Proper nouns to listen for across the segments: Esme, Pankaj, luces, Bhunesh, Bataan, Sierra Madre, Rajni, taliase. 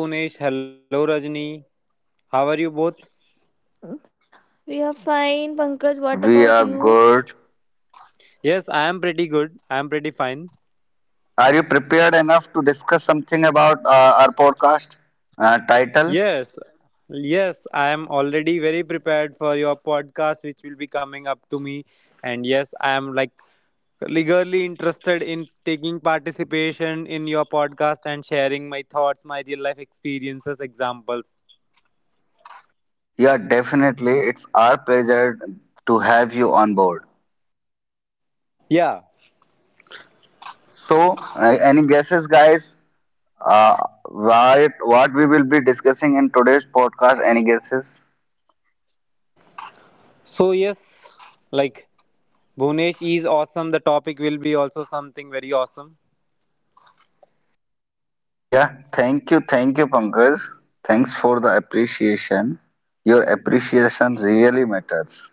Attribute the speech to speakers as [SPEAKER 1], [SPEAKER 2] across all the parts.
[SPEAKER 1] Hello Bhunesh, hello Rajni. How are you both?
[SPEAKER 2] Mm. We are fine, Pankaj. What
[SPEAKER 3] We
[SPEAKER 2] about
[SPEAKER 3] are
[SPEAKER 2] you?
[SPEAKER 3] good.
[SPEAKER 1] Yes, I am pretty good. I am pretty fine.
[SPEAKER 3] Are you prepared enough to discuss something about our podcast title?
[SPEAKER 1] Yes, yes, I am already very prepared for your podcast, which will be coming up to me. And yes, I am like eagerly interested in taking participation in your podcast and sharing my thoughts, my real life experiences, examples.
[SPEAKER 3] Yeah, definitely. It's our pleasure to have you on board.
[SPEAKER 1] Yeah.
[SPEAKER 3] So, any guesses, guys? Uh, what we will be discussing in today's podcast? Any guesses?
[SPEAKER 1] So yes, like Bhunesh is awesome. The topic will be also something very awesome.
[SPEAKER 3] Yeah, thank you, Pankaj. Thanks for the appreciation. Your appreciation really matters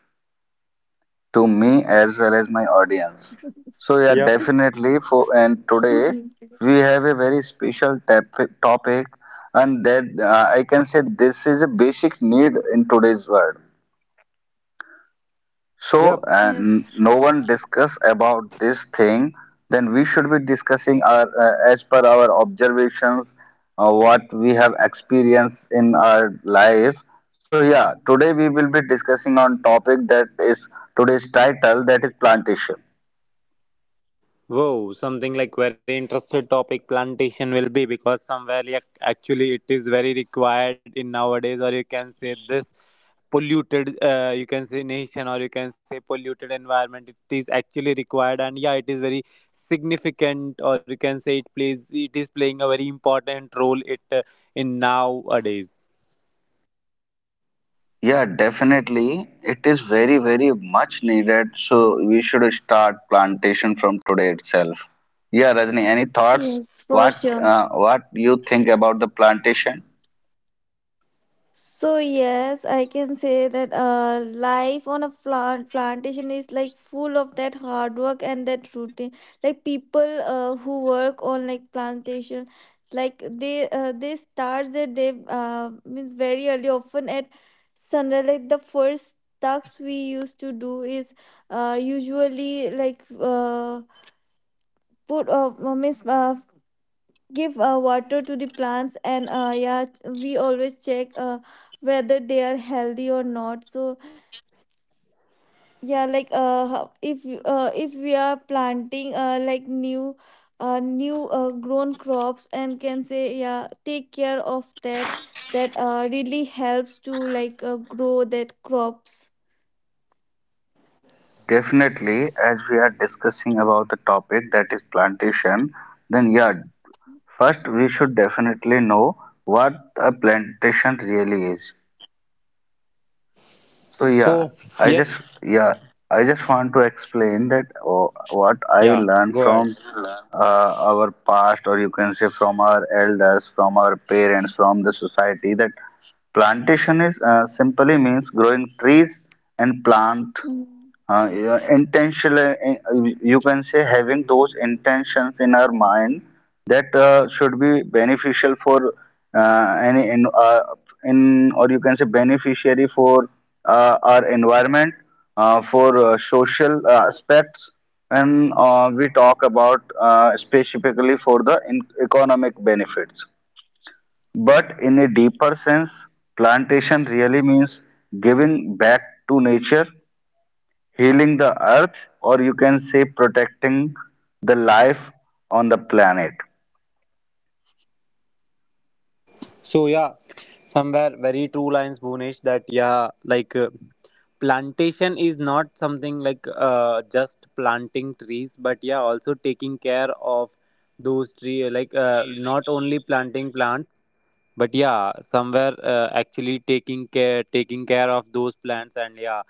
[SPEAKER 3] to me as well as my audience. So, yeah,
[SPEAKER 1] Yep.
[SPEAKER 3] definitely. For and today
[SPEAKER 2] Hmm.
[SPEAKER 3] we have a very special topic, and that I can say this is a basic need in today's world. So,
[SPEAKER 1] Yep.
[SPEAKER 2] Yes.
[SPEAKER 3] no one discuss about this thing. Then we should be discussing our as per our observations, what we have experienced in our life. So yeah, today we will be discussing on topic, that is today's title, that is plantation.
[SPEAKER 1] Wow, something like very interested topic plantation will be, because somewhere like actually it is very required in nowadays, or you can say this polluted, you can say nation, or you can say polluted environment, it is actually required. And yeah, it is very significant, or you can say it is playing a very important role it in nowadays.
[SPEAKER 3] Yeah, definitely. It is very, very much needed. So we should start plantation from today itself. Yeah, Rajni, any thoughts?
[SPEAKER 2] Yes, for
[SPEAKER 3] What
[SPEAKER 2] sure.
[SPEAKER 3] uh, what you think about the plantation?
[SPEAKER 2] So yes, I can say that life on a plantation is like full of that hard work and that routine. Like people who work on like plantation, like they start their day means very early, often at sunrise. Like the first tasks we used to do is usually put means give water to the plants and yeah, we always check whether they are healthy or not. So yeah, if we are planting like new grown crops and can say yeah, take care of that, really helps to grow that crops.
[SPEAKER 3] Definitely, as we are discussing about the topic that is plantation, then yeah, first we should definitely know what a plantation really is. So yeah,
[SPEAKER 1] So,
[SPEAKER 3] I just
[SPEAKER 1] yes,
[SPEAKER 3] yeah, I just want to explain that what I
[SPEAKER 1] yeah,
[SPEAKER 3] learned
[SPEAKER 1] go ahead.
[SPEAKER 3] from our past, or you can say from our elders, from our parents, from the society, that plantation is simply means growing trees and plant,
[SPEAKER 2] Mm.
[SPEAKER 3] yeah, intentionally, you can say having those intentions in our mind that should be beneficial for any in or you can say beneficiary for our environment, for social aspects, and we talk about specifically for the in economic benefits. But in a deeper sense, plantation really means giving back to nature, healing the earth, or you can say protecting the life on the planet.
[SPEAKER 1] So yeah, somewhere very true lines, Bhunesh. That yeah, plantation is not something like just planting trees, but yeah, also taking care of those tree. Like not only planting plants, but yeah somewhere actually taking care of those plants. And yeah,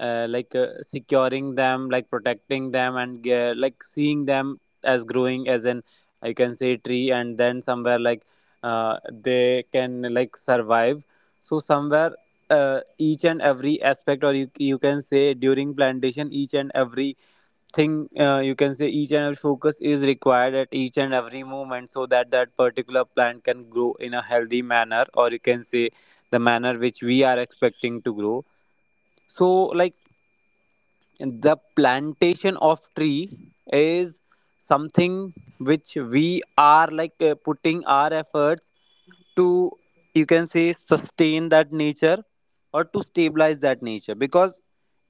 [SPEAKER 1] securing them, like protecting them, and like seeing them as growing as an, I can say, tree. And then somewhere like uh, they can like survive. So somewhere each and every aspect, or you can say during plantation, each and every thing, you can say each and every focus is required at each and every moment, so that that particular plant can grow in a healthy manner, or you can say the manner which we are expecting to grow. So like the plantation of tree is something which we are like putting our efforts to, you can say, sustain that nature, or to stabilize that nature. Because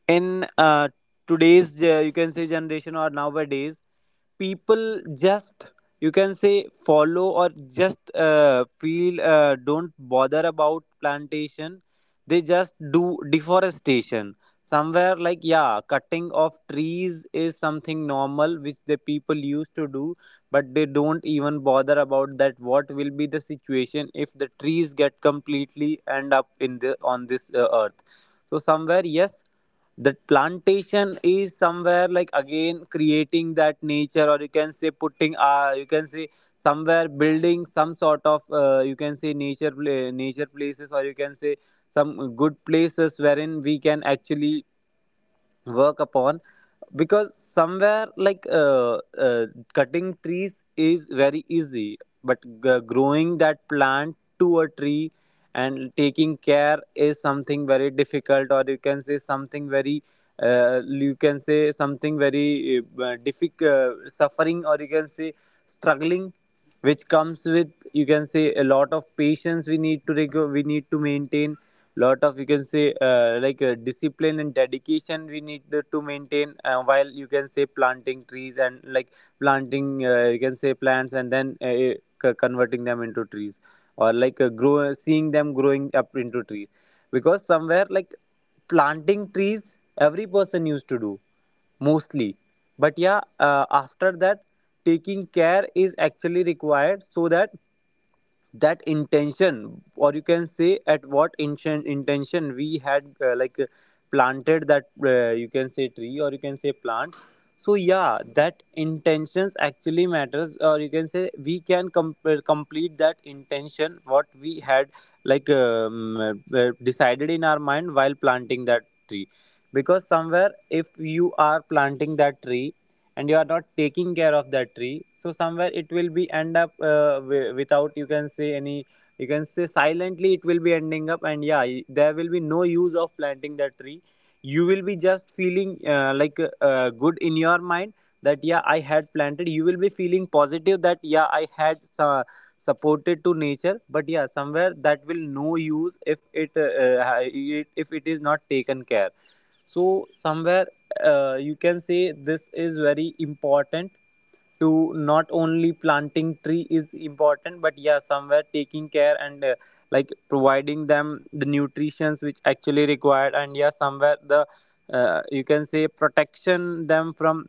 [SPEAKER 1] in today's, you can say, generation or nowadays, people just, you can say, follow, or just feel, don't bother about plantation. They just do deforestation. Somewhere like yeah, cutting of trees is something normal which the people used to do, but they don't even bother about that, what will be the situation if the trees get completely end up in the on this earth. So somewhere yes, that plantation is somewhere like again creating that nature, or you can say putting, you can say, somewhere building some sort of, you can say, nature nature places, or you can say some good places wherein we can actually work upon. Because somewhere like cutting trees is very easy, but growing that plant to a tree and taking care is something very difficult, or you can say something very, you can say something very difficult, suffering, or you can say struggling, which comes with, you can say, a lot of patience we need to we need to maintain. Lot of, you can say, discipline and dedication we need to maintain while, you can say, planting trees, and like planting, you can say, plants, and then converting them into trees, or like, grow seeing them growing up into trees. Because somewhere like planting trees every person used to do mostly, but yeah after that taking care is actually required, so that that intention, or you can say at what intention we had, planted that, you can say, tree or, you can say, plant. So yeah, that intentions actually matters, or you can say we can complete that intention what we had like decided in our mind while planting that tree. Because somewhere if you are planting that tree and you are not taking care of that tree, so somewhere it will be end up, without, you can say, any, you can say, silently it will be ending up, and yeah there will be no use of planting that tree. You will be just feeling, good in your mind that yeah, I had planted. You will be feeling positive that yeah, I had uh, supported to nature, but yeah somewhere that will no use if it, it if it is not taken care. So somewhere, you can say, this is very important to not only planting tree is important, but yeah somewhere taking care and, like providing them the nutritions which actually required, and yeah somewhere the, you can say, protection them from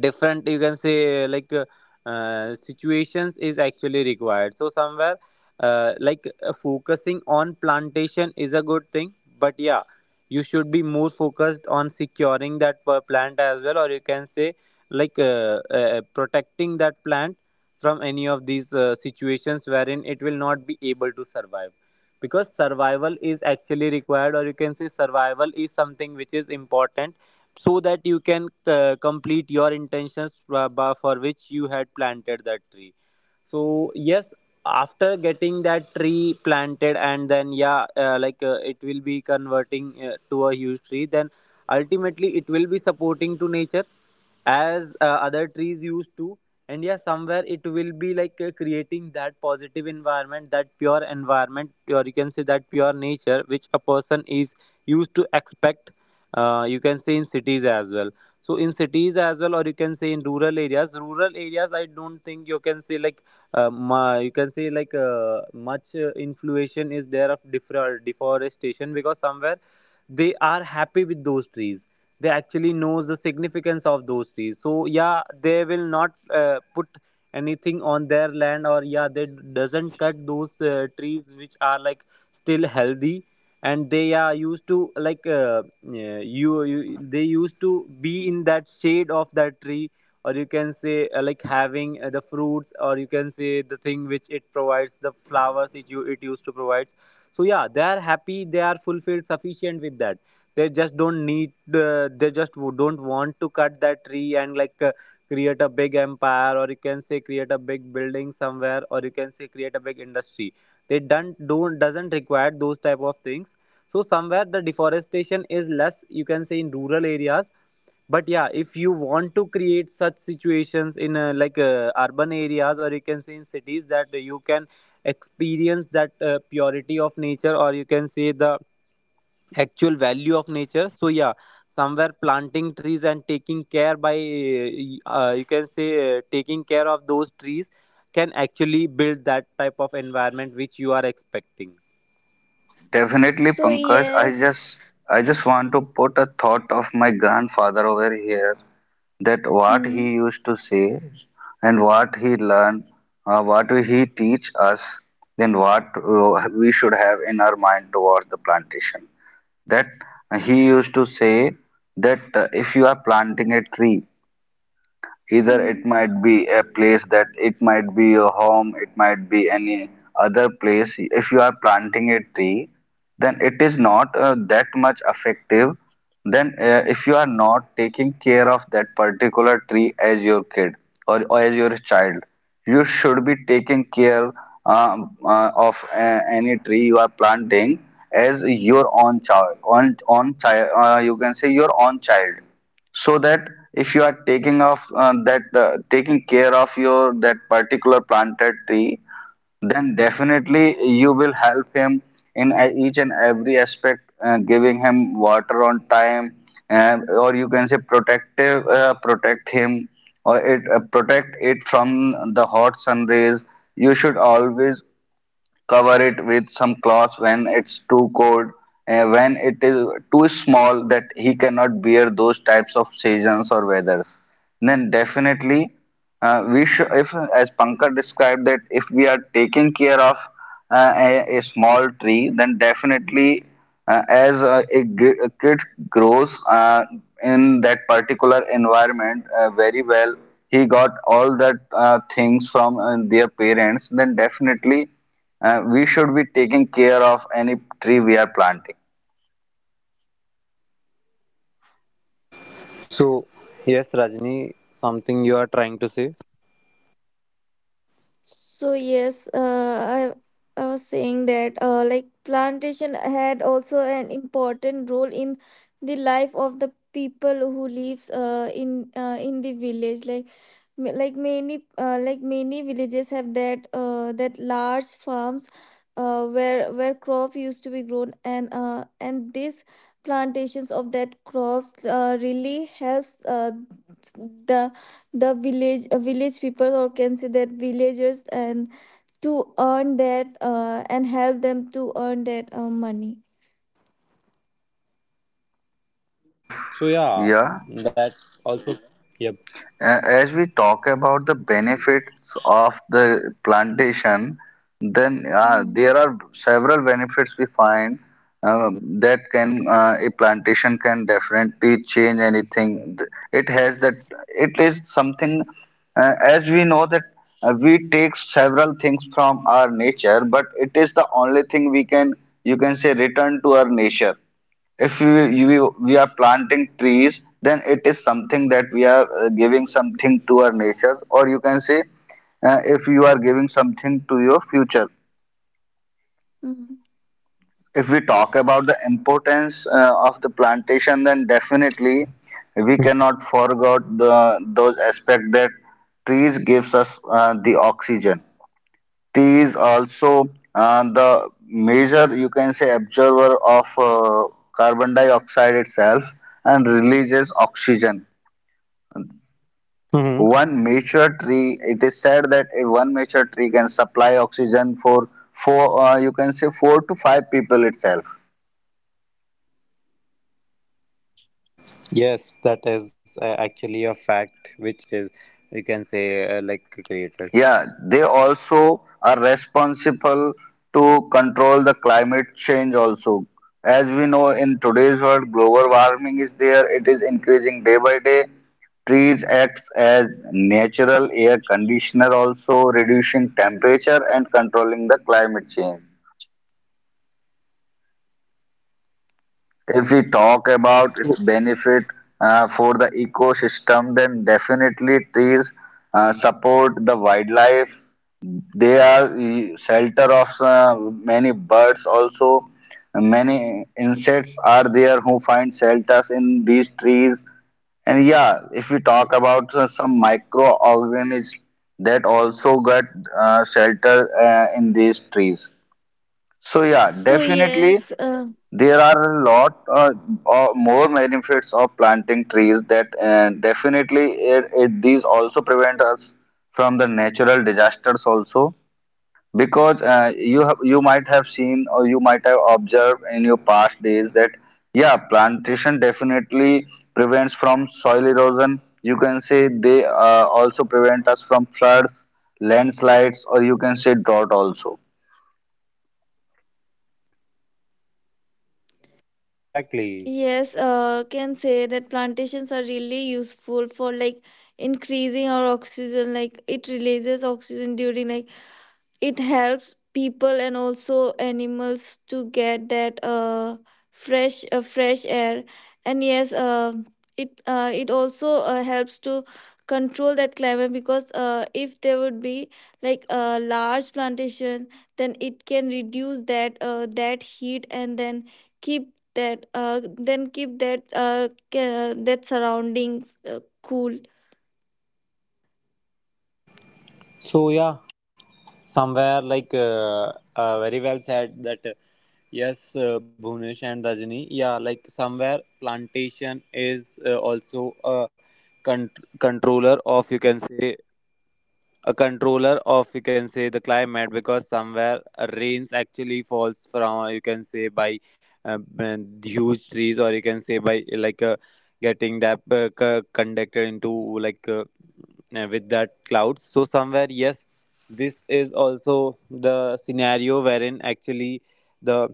[SPEAKER 1] different, you can say, like situations is actually required. So somewhere, focusing on plantation is a good thing, but yeah you should be more focused on securing that plant as well, or you can say like protecting that plant from any of these situations wherein it will not be able to survive. Because survival is actually required, or you can say survival is something which is important, so that you can complete your intentions, for which you had planted that tree. So yes, after getting that tree planted and then yeah, it will be converting, to a huge tree. Then ultimately it will be supporting to nature as, other trees used to, and yeah somewhere it will be like creating that positive environment, that pure environment, or you can say that pure nature, which a person is used to expect, you can say, in cities as well. So in cities as well, or you can say in rural areas, rural areas I don't think you can say like you can say like much influation is there of different deforestation, because somewhere they are happy with those trees. They actually knows the significance of those trees, so yeah they will not put anything on their land, or yeah they doesn't cut those trees which are like still healthy, and they are used to like yeah, you they used to be in that shade of that tree, or you can say, like having, the fruits, or you can say the thing which it provides, the flowers it, you, it used to provide. So yeah they are happy, they are fulfilled sufficient with that. They just don't need, they just don't want to cut that tree and like create a big empire, or you can say create a big building somewhere, or you can say create a big industry. They don't doesn't require those type of things. So somewhere the deforestation is less, you can say, in rural areas. But yeah, if you want to create such situations in, urban areas, or you can say in cities, that you can experience that purity of nature, or you can say the actual value of nature. So yeah, somewhere planting trees and taking care by, you can say, taking care of those trees can actually build that type of environment which you are expecting.
[SPEAKER 3] Definitely,
[SPEAKER 2] So
[SPEAKER 3] Pankaj, i just
[SPEAKER 2] yes.
[SPEAKER 3] i just want to put a thought of my grandfather over here, that what he used
[SPEAKER 2] Hmm.
[SPEAKER 3] to say and what he learned, what he teach us, then what we should have in our mind towards the plantation. That he used to say that if you are planting a tree, either it
[SPEAKER 2] Hmm.
[SPEAKER 3] might be a place, that it might be your home, it might be any other place. If you are planting a tree, then it is not that much effective. Then, if you are not taking care of that particular tree as your kid, or as your child, you should be taking care, of any tree you are planting, as your own child. On child, you can say your own child, so that if you are taking care of your that particular planted tree, then definitely you will help him in each and every aspect, giving him water on time, or you can say protect him, or it, protect it from the hot sun rays. You should always cover it with some cloth when it's too cold, and when it is too small that he cannot bear those types of seasons or weathers. Then definitely, we should, if as Pankaj described, that if we are taking care of a small tree, then definitely, as a kid grows in that particular environment very well, he got all that things from their parents, then definitely we should be taking care of any tree we are planting.
[SPEAKER 1] So yes Rajni, something you are trying to say?
[SPEAKER 2] So yes, I was saying that like plantation had also an important role in the life of the people who lives in the village. Like like many villages have that that large farms where crop used to be grown, and these plantations of that crops really helps the the village, village people, or can say that villagers, and to earn that, and help them to earn that money.
[SPEAKER 3] Def,
[SPEAKER 1] So yeah,
[SPEAKER 3] yeah.
[SPEAKER 1] that also. Yep.
[SPEAKER 3] As we talk about the benefits of the plantation, then there
[SPEAKER 2] Mhm.
[SPEAKER 3] are several benefits we find, that can, a plantation can definitely change anything. It has that it is something, as we know that we take several things from our nature, but it is the only thing we can, you can say, return to our nature. If we are planting trees, then it is something that we are giving something to our nature, or you can say if you are giving something to your future.
[SPEAKER 2] Mhm.
[SPEAKER 3] If we talk about the importance of the plantation, then definitely we cannot forget the those aspect, that trees gives us the oxygen. He is also the major, you can say, absorber of carbon dioxide itself, and releases oxygen.
[SPEAKER 1] Hmm.
[SPEAKER 3] One mature tree, it is said that a one mature tree can supply oxygen for four, you can say, four to five people itself.
[SPEAKER 1] Yes, that is actually a fact, which is, you can say, like created.
[SPEAKER 3] Yeah, they also are responsible to control the climate change also. As we know, in today's world, global warming is there, it is increasing day by day. Trees acts as natural air conditioner also, reducing temperature and controlling the climate change. If we talk about its benefit for the ecosystem, then definitely trees support the wildlife. They are, shelter of many birds also. Many insects are there who find shelters in these trees. And yeah, if we talk about some microorganisms, that also get shelter in these trees. So yeah,
[SPEAKER 2] So
[SPEAKER 3] definitely
[SPEAKER 2] yes, uh.
[SPEAKER 3] there are a lot more benefits of planting trees, that definitely, these also prevent us from the natural disasters also, because you might have seen, or you might have observed in your past days that yeah, plantation definitely prevents from soil erosion. You can say they also prevent us from floods, landslides, or you can say drought also.
[SPEAKER 1] Yes, exactly.
[SPEAKER 2] Yes, can say that plantations are really useful for like increasing our oxygen. Like it releases oxygen during like it helps people and also animals to get that uh, fresh fresh air. And yes, it also helps to control that climate, because if there would be like a large plantation, then it can reduce that that heat, and then keep that that surroundings cool.
[SPEAKER 1] So yeah, somewhere very well said that. Yes, Bhunesh and Rajni. Yeah, like somewhere plantation is, also a con- controller of, you can say, a controller of, you can say, the climate. Because somewhere rains actually falls from, you can say, by, huge trees, or you can say by, getting that, conducted into like with that clouds. So somewhere yes, this is also the scenario wherein actually the,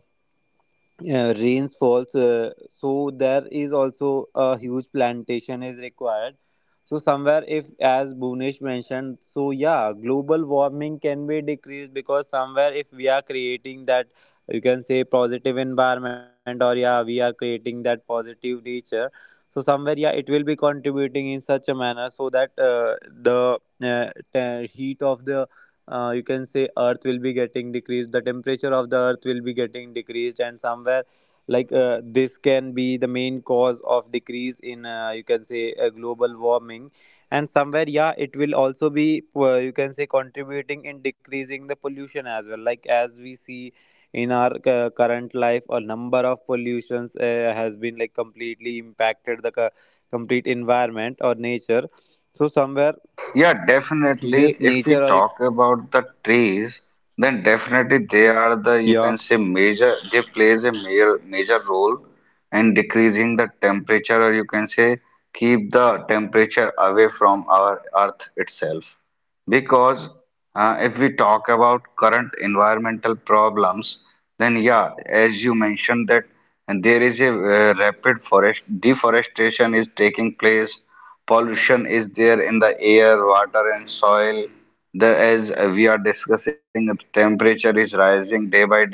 [SPEAKER 1] rains falls, so there is also a huge plantation is required. So somewhere if, as Bunish mentioned, so yeah, global warming can be decreased, because somewhere if we are creating that, you can say, positive environment, or yeah we are creating that positive nature. So somewhere yeah it will be contributing in such a manner so that, the, uh, heat of the, you can say, earth will be getting decreased, the temperature of the earth will be getting decreased, and somewhere like this can be the main cause of decrease in, you can say, global warming. And somewhere yeah it will also be, you can say, contributing in decreasing the pollution as well, like as we see in our current life. A number of pollutions has been like completely impacted the complete environment or nature. So somewhere
[SPEAKER 3] Yeah, definitely.
[SPEAKER 1] this
[SPEAKER 3] If we
[SPEAKER 1] nature or
[SPEAKER 3] talk about the trees, then definitely they are the, you
[SPEAKER 1] yeah.
[SPEAKER 3] can say, major, they plays a major, major role in decreasing the temperature, or you can say, keep the temperature away from our earth itself. Because if we talk about current environmental problems, then yeah, as you mentioned, that and there is a rapid forest deforestation is taking place, pollution is there in the air, water and soil. The As we are discussing, the temperature is rising day by day.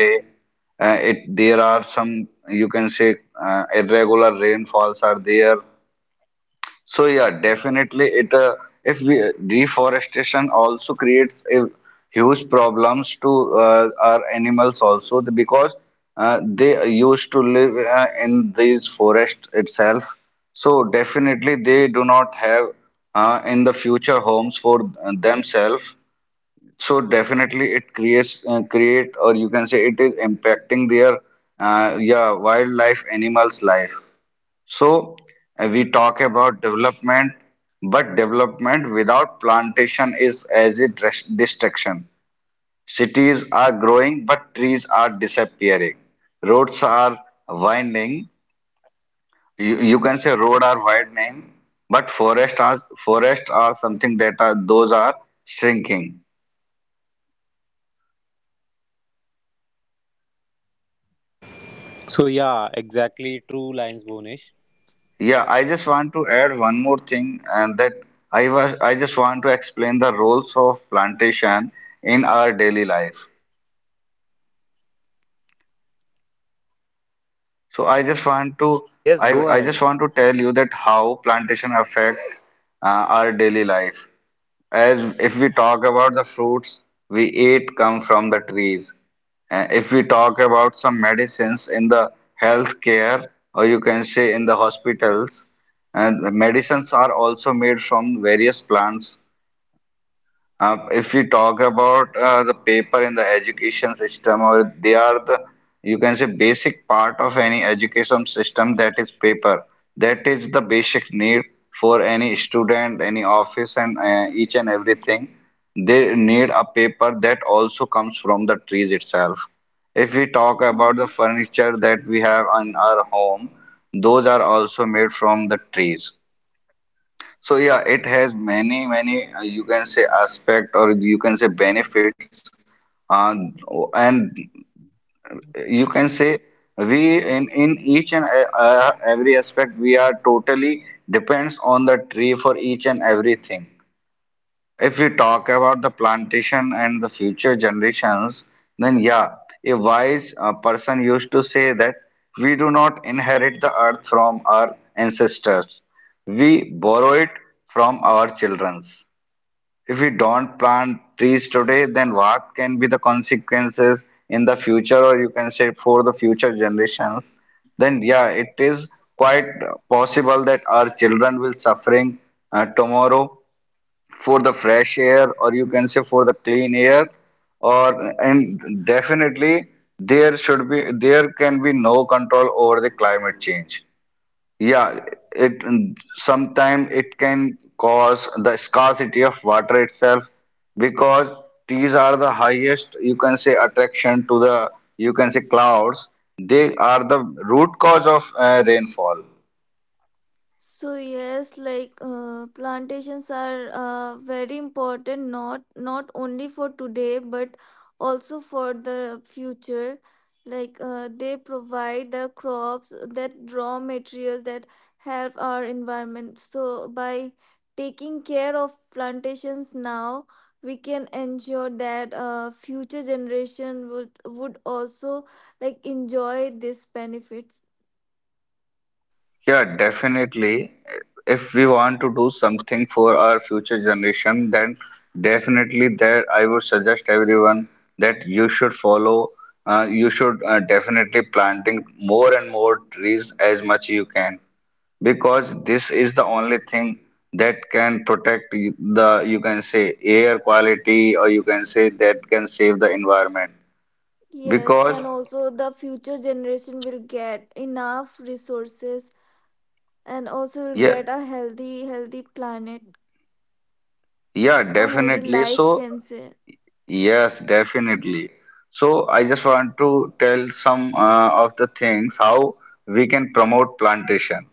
[SPEAKER 3] It There are some, you can say, irregular rainfalls are there. So yeah, definitely, it if we deforestation also creates a huge problems to our animals also, because they used to live in these forest itself. So definitely they do not have in the future homes for themselves. So definitely it create or you can say it is impacting their, yeah, wildlife animals life. So we talk about development, but development without plantation is as a destruction. Cities are growing, but trees are disappearing. Roads are winding. You can say road are widening, but forest are something that are, those are, shrinking.
[SPEAKER 1] So yeah, exactly true lines, Bonish.
[SPEAKER 3] Yeah, I just want to add one more thing, and that I just want to explain the roles of plantation in our daily life. So
[SPEAKER 1] Yes,
[SPEAKER 3] I,
[SPEAKER 1] go
[SPEAKER 3] I just
[SPEAKER 1] ahead.
[SPEAKER 3] want to tell you that how plantation affect our daily life. As if we talk about the fruits we eat, come from the trees. If we talk about some medicines in the healthcare, or you can say in the hospitals, and the medicines are also made from various plants. If we talk about the paper in the education system, or they are the, you can say, basic part of any education system, that is paper. That is the basic need for any student, any office, and each and everything. They need a paper, that also comes from the trees itself. If we talk about the
[SPEAKER 2] Mhm.
[SPEAKER 3] furniture that we have on our home, those are also made from the trees. So yeah, it has many, many you can say aspect, or you can say benefits, uh, and you can say we, in each and, every aspect, we are totally depends on the tree for each and everything. If we talk about the plantation and the future generations, then yeah, a wise person used to say that we do not inherit the earth from our ancestors, we borrow it from our children's. If we don't plant trees today, then what can be the consequences in the future, or you can say for the future generations? Then yeah, it is quite possible that our children will suffering tomorrow for the fresh air, or you can say for the clean air, or and definitely there can be no control over the climate change. Yeah, it sometimes it can cause the scarcity of water itself, because these are the highest, you can say, attraction to the, you can say, clouds. They are the root cause of rainfall.
[SPEAKER 2] So yes, plantations are very important not only for today but also for the future. They provide the crops, that raw materials that help our environment. So by taking care of plantations now, we can ensure that future generation would also like enjoy these benefits.
[SPEAKER 3] Yeah, definitely. If we want to do something for our future generation, then definitely, there I would suggest everyone that you should follow. You should definitely planting more and more trees as much you can because this is the only thing that can protect the you can say air quality or you can say that can save the environment
[SPEAKER 2] Yes,
[SPEAKER 3] because
[SPEAKER 2] and also the future generation will get enough resources, and also will
[SPEAKER 3] yeah
[SPEAKER 2] get a healthy planet,
[SPEAKER 3] yeah
[SPEAKER 2] a healthy
[SPEAKER 3] definitely
[SPEAKER 2] life,
[SPEAKER 3] so.
[SPEAKER 2] can say.
[SPEAKER 3] Yes, definitely. So I just want to tell some of the things how we can promote plantation.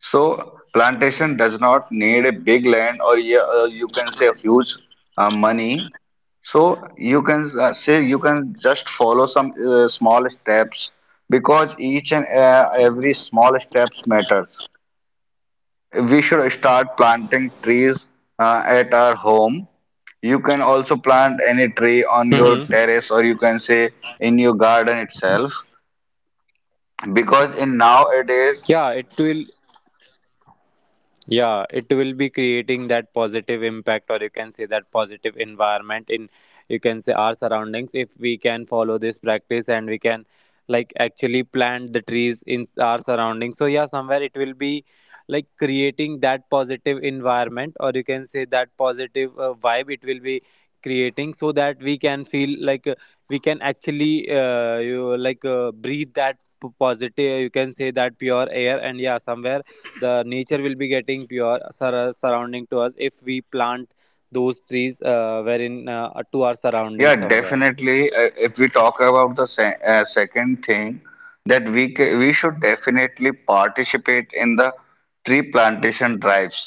[SPEAKER 3] So plantation
[SPEAKER 2] Okay.
[SPEAKER 3] does not need a big land or you can say huge money. So you can say you can just follow some small steps because each and every small steps matters. We should start planting trees at our home. You can also plant any tree on your
[SPEAKER 1] Hmm.
[SPEAKER 3] terrace or you can say in your garden itself. Because in nowadays,
[SPEAKER 1] Yeah, it will, yeah, it will be creating that positive impact, or you can say that positive environment in, you can say, our surroundings. If we can follow this practice and we can, like, actually plant the trees in our surroundings. So, yeah, somewhere it will be like creating that positive environment, or you can say that positive vibe it will be creating, so that we can feel like, we can actually, you like, breathe that positive, you can say that pure air. And yeah, somewhere the nature will be getting pure surrounding to us, if we plant those trees wherein to our surrounding
[SPEAKER 3] yeah,
[SPEAKER 1] somewhere.
[SPEAKER 3] definitely, if we talk about the se second thing, that we should definitely participate in the tree plantation drives.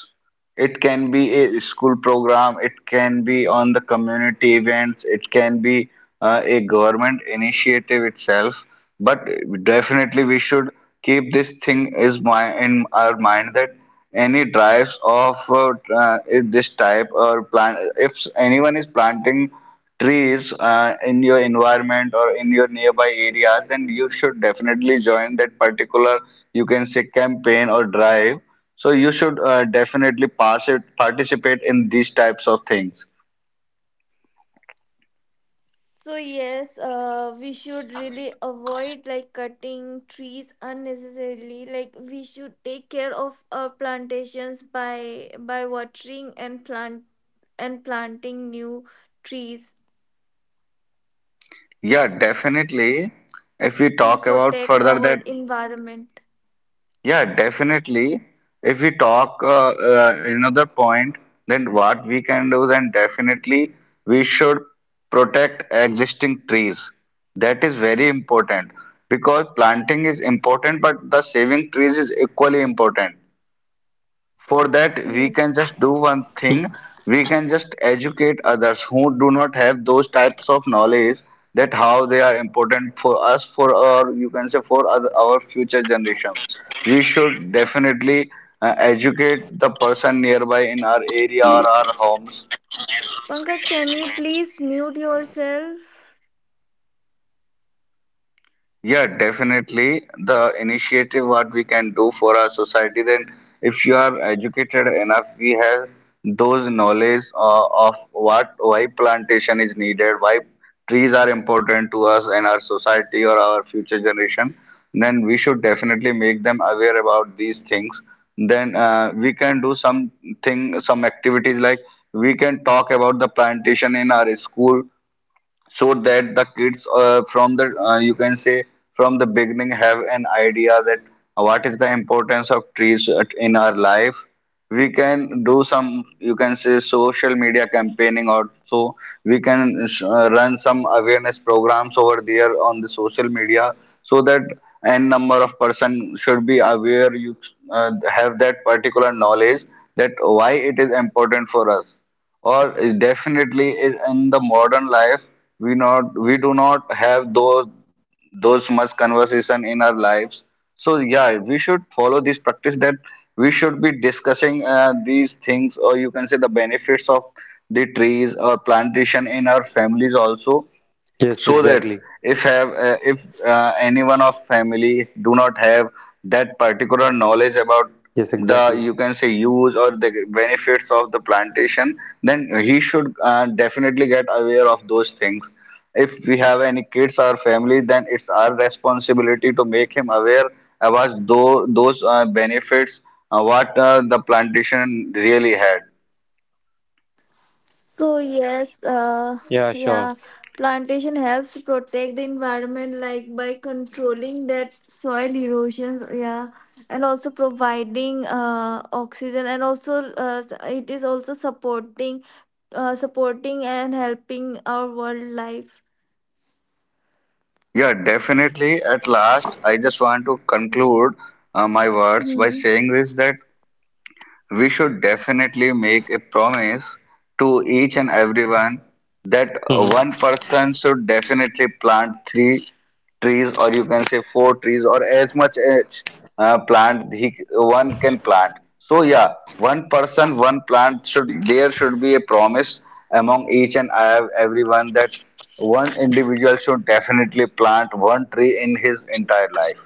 [SPEAKER 3] It can be a school program, it can be on the community events, it can be a government initiative itself. But definitely, we should keep this thing is my in our mind that any drives of if this type or plant if anyone is planting trees in your environment or in your nearby areas, then you should definitely join that particular, you can say, campaign or drive, so you should definitely participate in these types of things.
[SPEAKER 2] So yes, we should really avoid like cutting trees unnecessarily. Like we should take care of our plantations by watering and planting new trees,
[SPEAKER 3] Yeah, definitely. If we
[SPEAKER 2] and
[SPEAKER 3] talk about
[SPEAKER 2] protect
[SPEAKER 3] further
[SPEAKER 2] our
[SPEAKER 3] that,
[SPEAKER 2] environment.
[SPEAKER 3] yeah, definitely. If we talk another point, then what we can do, then definitely we should protect existing trees. That is very important because planting is important, but the saving trees is equally important. For that, we can
[SPEAKER 2] Yes.
[SPEAKER 3] just do one thing. We can just educate others who do not have those types of knowledge that how they are important for us, for our, you can say, for other, our future generations. We should definitely educate the person nearby in our area or our homes.
[SPEAKER 2] Pankaj, can you please mute yourself?
[SPEAKER 3] Yeah, definitely. The initiative what we can do for our society, then if you are educated enough, we have those knowledge of what why plantation is needed, why trees are important to us and our society or our future generation. Then we should definitely make them aware about these things. Then we can do something, some activities like we can talk about the plantation in our school so that the kids from the you can say from the beginning have an idea that what is the importance of trees in our life. We can do some, you can say, social media campaigning also. We can run some awareness programs over there on the social media so that n number of person should be aware, you uh, have that particular knowledge that why it is important for us, or definitely in the modern life we do not have those much conversation in our lives. So yeah, we should follow this practice that we should be discussing these things or you can say the benefits of the trees or plantation in our families also,
[SPEAKER 1] Yes,
[SPEAKER 3] so that
[SPEAKER 1] exactly.
[SPEAKER 3] if anyone of family do not have that particular knowledge about
[SPEAKER 1] Yes,
[SPEAKER 3] the,
[SPEAKER 1] exactly.
[SPEAKER 3] you can say, use or the benefits of the plantation, then he should definitely get aware of those things. If we have any kids or family then it's our responsibility to make him aware about those benefits what the plantation really had.
[SPEAKER 2] So yes,
[SPEAKER 1] Yeah, sure.
[SPEAKER 2] yeah, plantation helps to protect the environment, like by controlling that soil erosion, yeah, and also providing oxygen, and also it is also supporting, supporting and helping our wildlife.
[SPEAKER 3] Yeah, definitely. At last, I just want to conclude my words by
[SPEAKER 2] Mm-hmm.
[SPEAKER 3] saying this that we should definitely make a promise to each and everyone that
[SPEAKER 1] Hmm.
[SPEAKER 3] one person should definitely plant three trees or you can say four trees or as much as plant he one can plant. So yeah, one person one plant, should there should be a promise among each and everyone that one individual should definitely plant one tree in his entire life.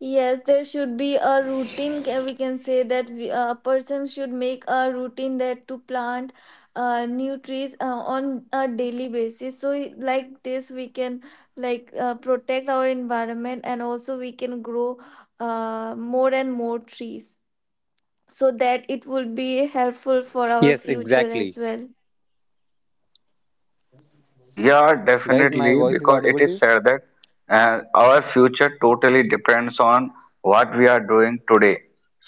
[SPEAKER 2] Yes, there should be a routine. We can say that a person should make a routine that to plant new trees on a daily basis. So, like this, we can protect our environment and also we can grow more and more trees, so that it will be helpful for our
[SPEAKER 1] Yes,
[SPEAKER 2] future as
[SPEAKER 1] exactly.
[SPEAKER 2] well.
[SPEAKER 3] Yeah,
[SPEAKER 1] Guys, my
[SPEAKER 3] definitely,
[SPEAKER 1] voice is
[SPEAKER 3] because it
[SPEAKER 1] audible to
[SPEAKER 3] is
[SPEAKER 1] you?
[SPEAKER 3] said that our future totally depends on what we are doing today.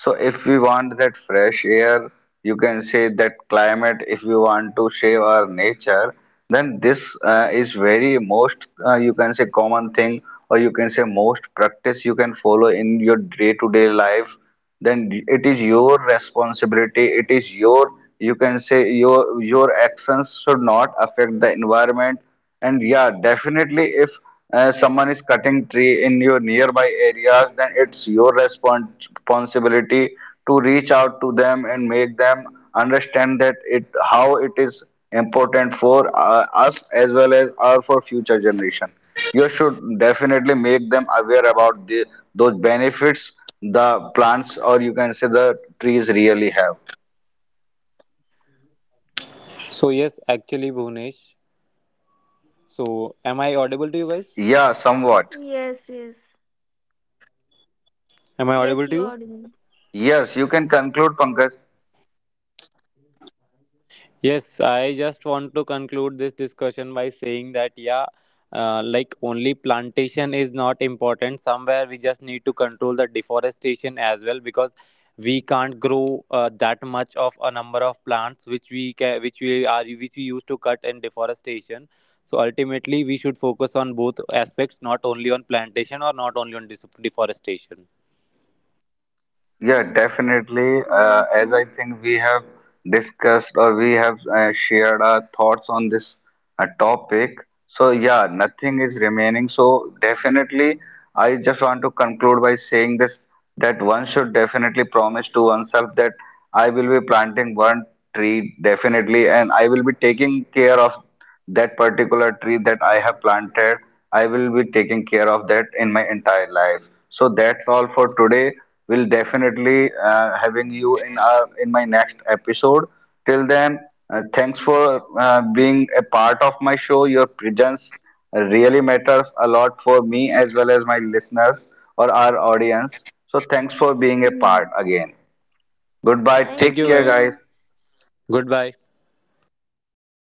[SPEAKER 3] So, if we want that fresh air, you can say that climate, if we want to save our nature, then this is very most, you can say, common thing, or you can say, most practice you can follow in your day to day life, then it is your responsibility, it is your, you can say, your actions should not affect the environment. And yeah definitely if someone is cutting tree in your nearby areas then it's your responsibility to reach out to them and make them understand that it how it is important for us as well as our for future generation. You should definitely make them aware about the, those benefits the plants or you can say the trees really have.
[SPEAKER 4] So yes, actually Bhunesh. So am I audible to you guys?
[SPEAKER 3] Yeah, somewhat.
[SPEAKER 2] Yes, yes,
[SPEAKER 4] Am I
[SPEAKER 2] yes.
[SPEAKER 4] audible to
[SPEAKER 2] You are
[SPEAKER 4] you?
[SPEAKER 2] doing.
[SPEAKER 3] Yes, you can conclude, Pankaj.
[SPEAKER 4] Yes, I just want to conclude this discussion by saying that like only plantation is not important. Somewhere we just need to control the deforestation as well because we can't grow that much of a number of plants which we used to cut in deforestation. So ultimately, we should focus on both aspects, not only on plantation or not only on deforestation.
[SPEAKER 3] Yeah,
[SPEAKER 2] Yes,
[SPEAKER 3] definitely.
[SPEAKER 2] very
[SPEAKER 3] As I
[SPEAKER 2] true.
[SPEAKER 3] think we have discussed or we have shared our thoughts on this topic. So, yeah, nothing is
[SPEAKER 2] Mm.
[SPEAKER 3] remaining. So, definitely, I just want to conclude by saying this that one should definitely promise to oneself that I will be planting one tree definitely and I will be taking care of that particular tree that I have planted, I will be taking care of that in my entire life. So that's all for today. We'll definitely having you in our in my next episode. Till then, thanks for being a part of my show. Your presence really matters a lot for me as well as my listeners or our audience. So thanks for being a part
[SPEAKER 2] Mm.
[SPEAKER 3] again. Goodbye.
[SPEAKER 2] Thank
[SPEAKER 3] Take care, guys.
[SPEAKER 2] you.
[SPEAKER 4] Thank you guys. Goodbye.